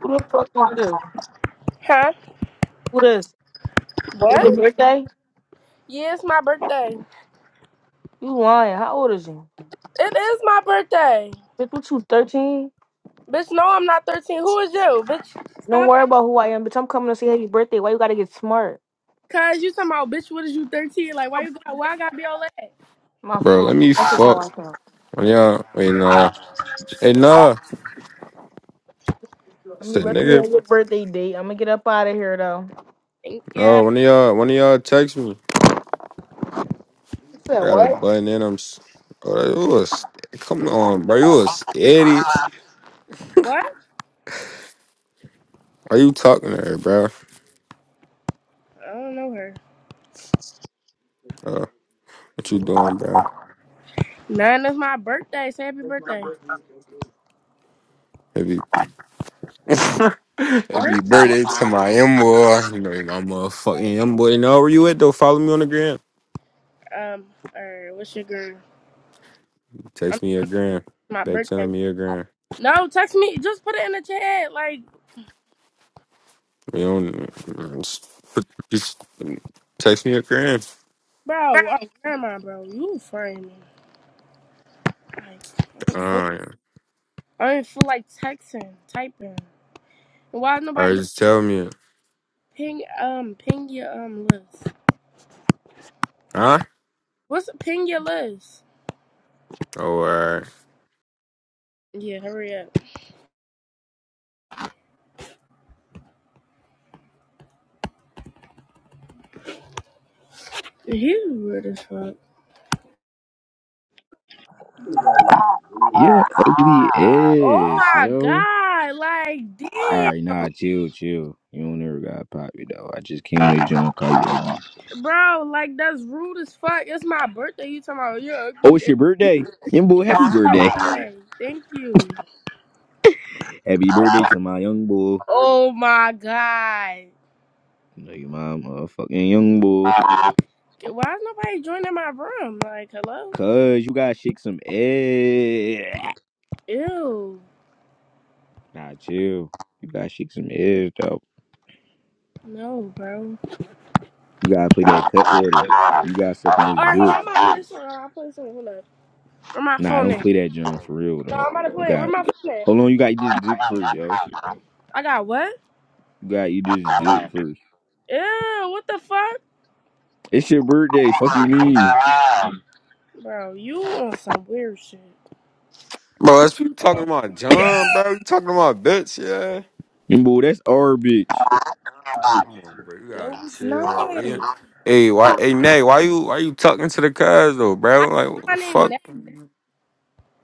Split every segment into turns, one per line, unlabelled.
Who the fuck is this?
Huh?
Who this? Is your
What?
birthday?
Yeah, it's my birthday.
You lying. How old is you?
It is my birthday.
Bitch, what you, 13?
Bitch, no, I'm not 13. Who is you? Bitch,
Don't
stop.
worry about who I am, bitch. I'm coming to say happy birthday. Why you gotta get smart?
Cause you talking about, bitch, what is you 13? Like, why you got, why I gotta be all that?
My
Bro,
fault.
let me
That's just how
fuck.
I felt.
One of y'all, wait, nah. Hey, nah.
Let me
Said
let you
nigga.
have your birthday date. I'm gonna get up out of here, though.
Thank you.
No, one of y'all, one of y'all text me.
You said
I got a
what?
button in. I'm. s- Bro, you was, come on, bro. You a steady.
What?
Are you talking to her, bro?
I don't know her.
Uh, what you doing, bro?
None is my birthday. Say happy birthday.
Happy, happy
What?
birthday to my M boy. You know, he my motherfucking M boy. You Know where you at though? Follow me on the gram.
Um, or uh, what's your girl?
Text me a gram.
My
Back
birthday.
telling me a gram.
No, text me. Just put it in the chat. Like,
We don't. Just, put- just text me a gram.
bro, oh, never mind, bro. You frame me. Like, I don't feel,
Uh,
I don't feel like texting, typing. And why nobody
Alright,
just
just tell me.
ping, um, ping your, um, list?
Huh?
What's ping your list?
Oh, alright.
Yeah, hurry up. He's weird as fuck.
You're ugly
Oh
ass,
my
yo.
god, like, damn,
Alright, nah, chill, chill. You don't ever gotta pop me though. I just came to John call you ugly.
bro, like, that's rude as fuck. It's my birthday. You talking about, You're
Oh,
ugly.
it's your birthday. Young boy,
It's
happy
my
birthday.
birthday. Thank you.
Happy birthday to my young boy.
Oh my god.
You know your mom motherfucking young boy.
Why is nobody joining my room? Like, hello?
Cause you gotta shake some ass.
Ew.
Nah, chill. You gotta shake some ass though.
No, bro.
You gotta play that cut order. You gotta suck on this
All right, hold on.
dick.
I'm about to play something. I'll play something. Hold up. Where my
Nah, I
phone
don't
at?
play that John for real
No,
though.
I'm about to
You
play. it. Where
got
my phone at?
hold on, you gotta eat this dick first, yo.
I got what?
You gotta eat this dick first.
Ew, what the fuck?
It's your birthday. Fuck you mean?
Um. Bro, you on some weird shit.
Bro, that's people talking about John, bro. You talking about bitch, yeah?
And boy, that's our bitch.
Come on, bro. You
No,
gotta
it's
chill. Like, hey,
not.
hey, why, hey, Nay, why you, why you talking to the cuz though,
I
bro? Like, what
my
the
name
fuck.
now.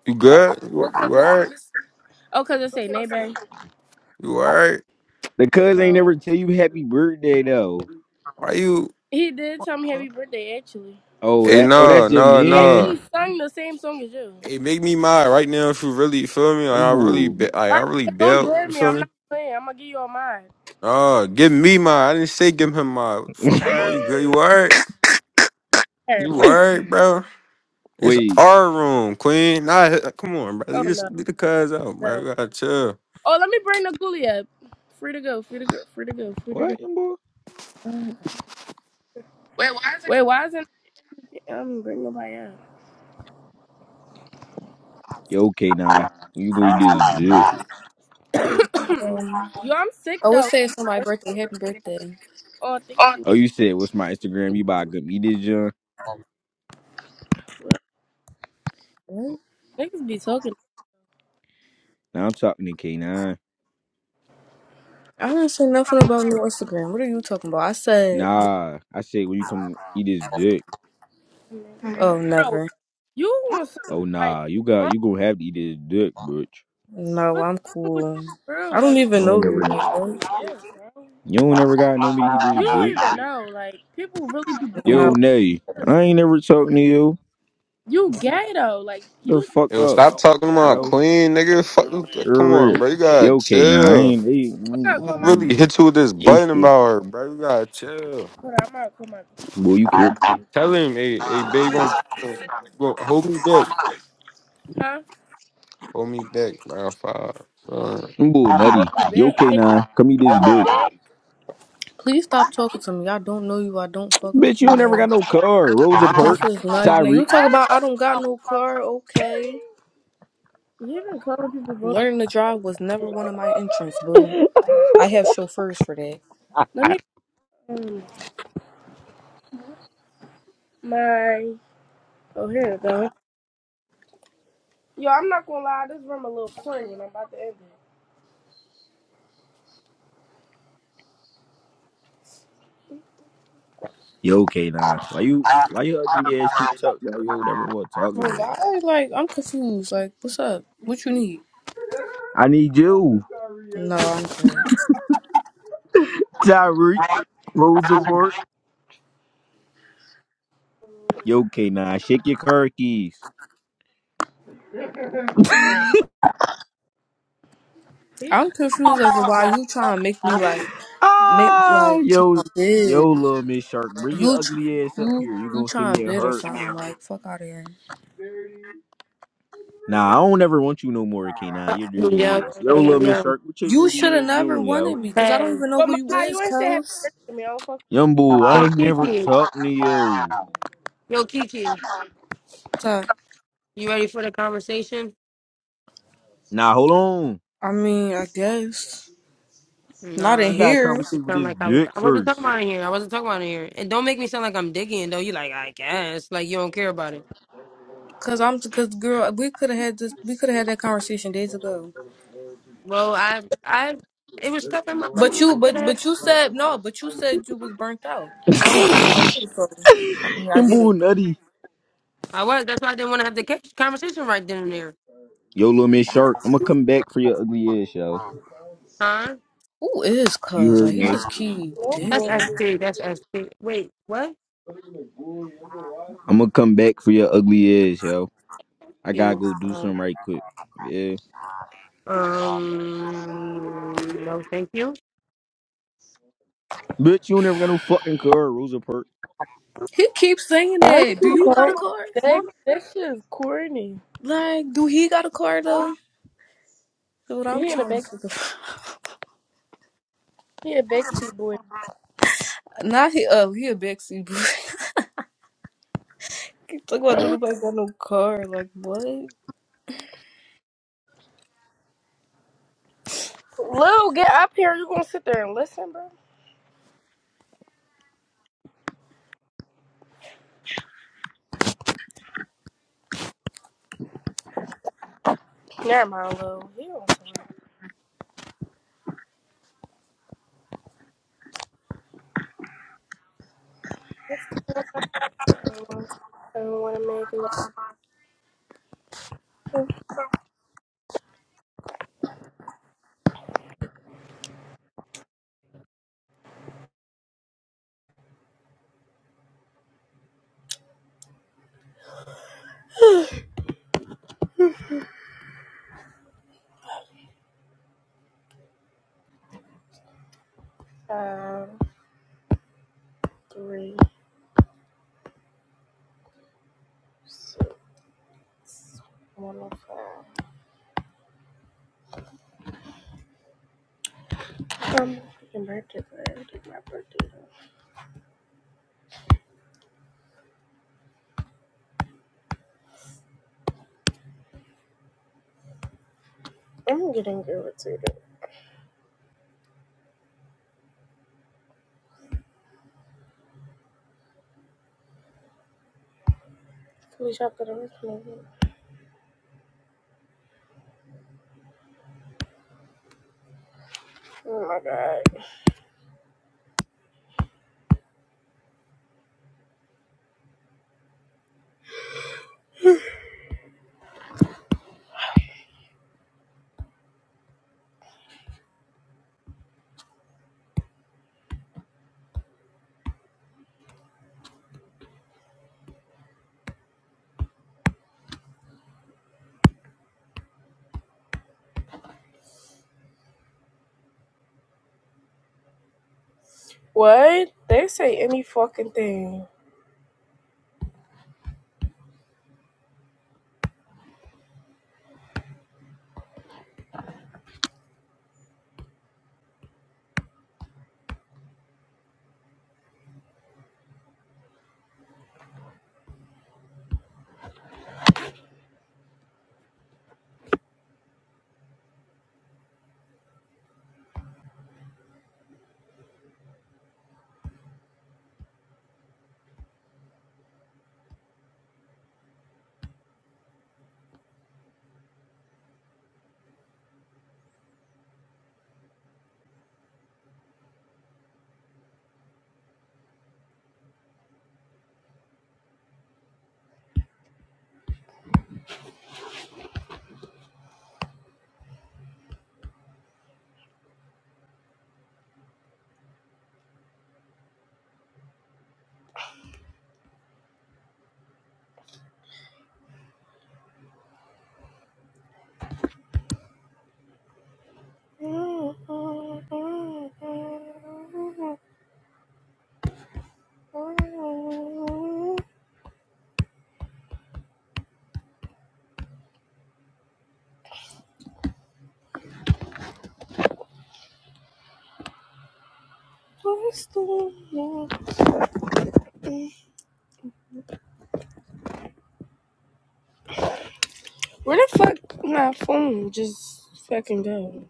You good? You,
Well,
you
cause
alright?
it's, oh, cause it say neighbor.
You alright?
The cuz ain't never
Bro,
tell you happy birthday though.
Why you?
he did tell me happy birthday. Actually,
Oh
Hey,
that oh
no,
that's your
no,
he
man?
no.
actually sung the same song as you.
Hey, make me mad right now if you really you feel me. Like,
Them
I really,
boy.
be- like,
All
I
right,
really
but don't
bailed.
dare
You
me.
feel
I'm not
me?
playing. I'm gonna give you all mine.
Oh, give me mine. I didn't say give him mine. What the fuck, Mo? You good? You alright?
All right,
You
bro.
alright, bro? It's
Wait,
our room, Queen. Nah, he- come on, bro. You
Oh no,
just leave the cuz out, bro.
no.
You gotta chill.
Oh, let me bring the ghoulie up. Free to go, free to go, free to go, free to
what them boy?
go.
Wait,
Wait, why isn't I'm bringing nobody up?
Yo, okay nine. You go eat this dick.
Um,
Yo, I'm sick
I would
though.
say it's on my birthday. Happy birthday.
Oh, thank
what?
you.
Oh you said what's my Instagram? You buy good eat this junk?
What?
Niggas be talking.
Now I'm talking to K9.
I didn't say nothing about no Instagram. What are you talking about? I said,
Nah. I said when you come eat this dick.
oh,
Bro,
never.
you want some
Oh
like
nah, you
bro,
got you gonna have to eat this dick, bitch.
No,
what's
I'm
wrong with
cool.
you, bro?
I don't
Like,
I
even
don't
know
ever
you.
know.
Like, what?
yeah, bro.
You don't ever got nobody eat
You
this
don't
dick.
even know. Like, people really be bullies
No.
Yo,
on
Nay,
this.
I ain't never talking to you.
You gay though. Like,
The
you.
fuck
Yo,
up,
stop talking
Yeah, I
about
don't.
yo.
Queen, nigga. Fuck, this-
Real,
come
real.
on, bro. You gotta
Yo, K, nah, I
chill.
ain't. They,
I'm gonna
I
call
will
my
really
group
they
chat.
hit you with this
they
button
scared.
about her, bro. You gotta chill.
Hold on, I'm gonna call
Boy,
my
you kid.
Tell him, hey, hey, babe, gonna, gonna hold me back.
group chat. Huh?
Hold me back, bro. Five.
Boy,
You
nutty.
gonna
Yo, K,
be
nine, come eat this dick.
bad.
Please stop talking to me. I don't know you. I don't fuck with
Bitch,
you.
you ain't never
Like,
got no car. Rosa
this is
Parks,
not even. You
Tyreek.
talk about I don't got no car. Okay.
You can call people voting.
Learning to drive was never one of my interests, boo. I have chauffeurs for that.
Let me um my oh here it go. Yo, I'm not gonna lie, this room a little corny and I'm about to end
Yo, K, nine, why you, why you ugly ass keep
it.
talking about yo? Never want talking
Well,
back.
why? Like, I'm confused. Like, what's up? What you need?
I need you,
No, I'm good.
Tyreek, Rosa Parks. Yo, K, nine, shake your car keys.
Peace.
I'm confused as to why you trying to make me like make
Ah,
like trying
yo,
to bid.
yo, little Miss Shark, bring your
You
ugly ass
tr-
up
you
here. You
you
gonna see
trying to
me at
bid or
hurt.
something like fuck out of here.
Nah, I don't ever want you no more, K. Nah,
Hey,
you
Yo,
dirty
yo,
ass. Yo,
yo, yo.
little Miss
yo.
Shark, what your
You should
dirty
have
ass
never
doing,
wanted
yo?
me because I don't
Hey,
even know
But
who you
Makai,
is,
you ain't say happy
cuz.
birthday to me. I don't fuck.
Young boo, I
yo,
ain't never
Kiki.
talking to you.
Yo, Kiki.
So
You ready for the conversation?
Nah, hold on.
I mean, I guess not in
She
Nah.
gotta
here.
It
conversate with
sound
this
like I was.
dick
I wasn't talking
first.
about it here. I wasn't talking about it here. And don't make me sound like I'm digging though. You like I guess like you don't care about it.
Cause I'm cause girl, we could have had this we could have had that conversation days ago.
Well, I I it was stuff in my
But
personal
you
life that I
but but
had.
you said no, but you said you was burnt out. And I was burnt out too, so I mean I
Young
get it.
boo, nutty.
I was. That's why I didn't want to have the ca- conversation right then and there.
Yo, little Miss Shark, I'ma come back for your ugly ass, yo.
Huh?
Who is
You
cuz?
heard
Like he
me.
just keep
Oh
That's
boy,
dicky.
SP. That's SP. Wait, what?
I'ma come back for your ugly ass, yo. I gotta
You,
go do
uh,
something right quick. Yeah.
um. No, thank you.
Bitch, you never got no fucking car, Rosa Parks.
He keeps saying
why you
that. Do
keep
you got a
calling?
car?
That, that shit is corny.
Like, do he got a car though? That's what I'm
He in a
trying
back,
to figure. out.
he a backseat boy.
Not he. Uh, he a backseat boy. Talk about dude nobody got no car. Like what?
Lil, get up here. You gonna sit there and listen, bro? Never mind, Lil. He on somewhere. I want to make it five, three, six, one oh five. Um, freaking birthday party. my birthday. I'm getting irritated. Can we shop at the rest Oh my god. What? They say any fucking thing. Where the fuck my phone just fucking go?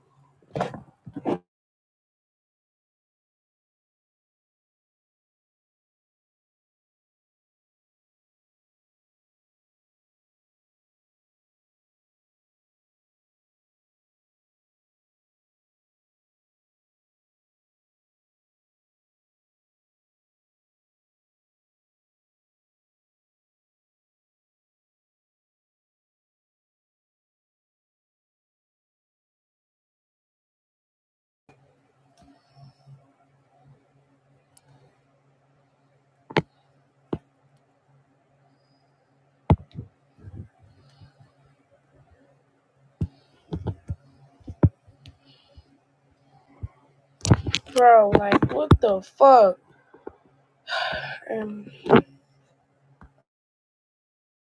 Bro, like, what the fuck? Um,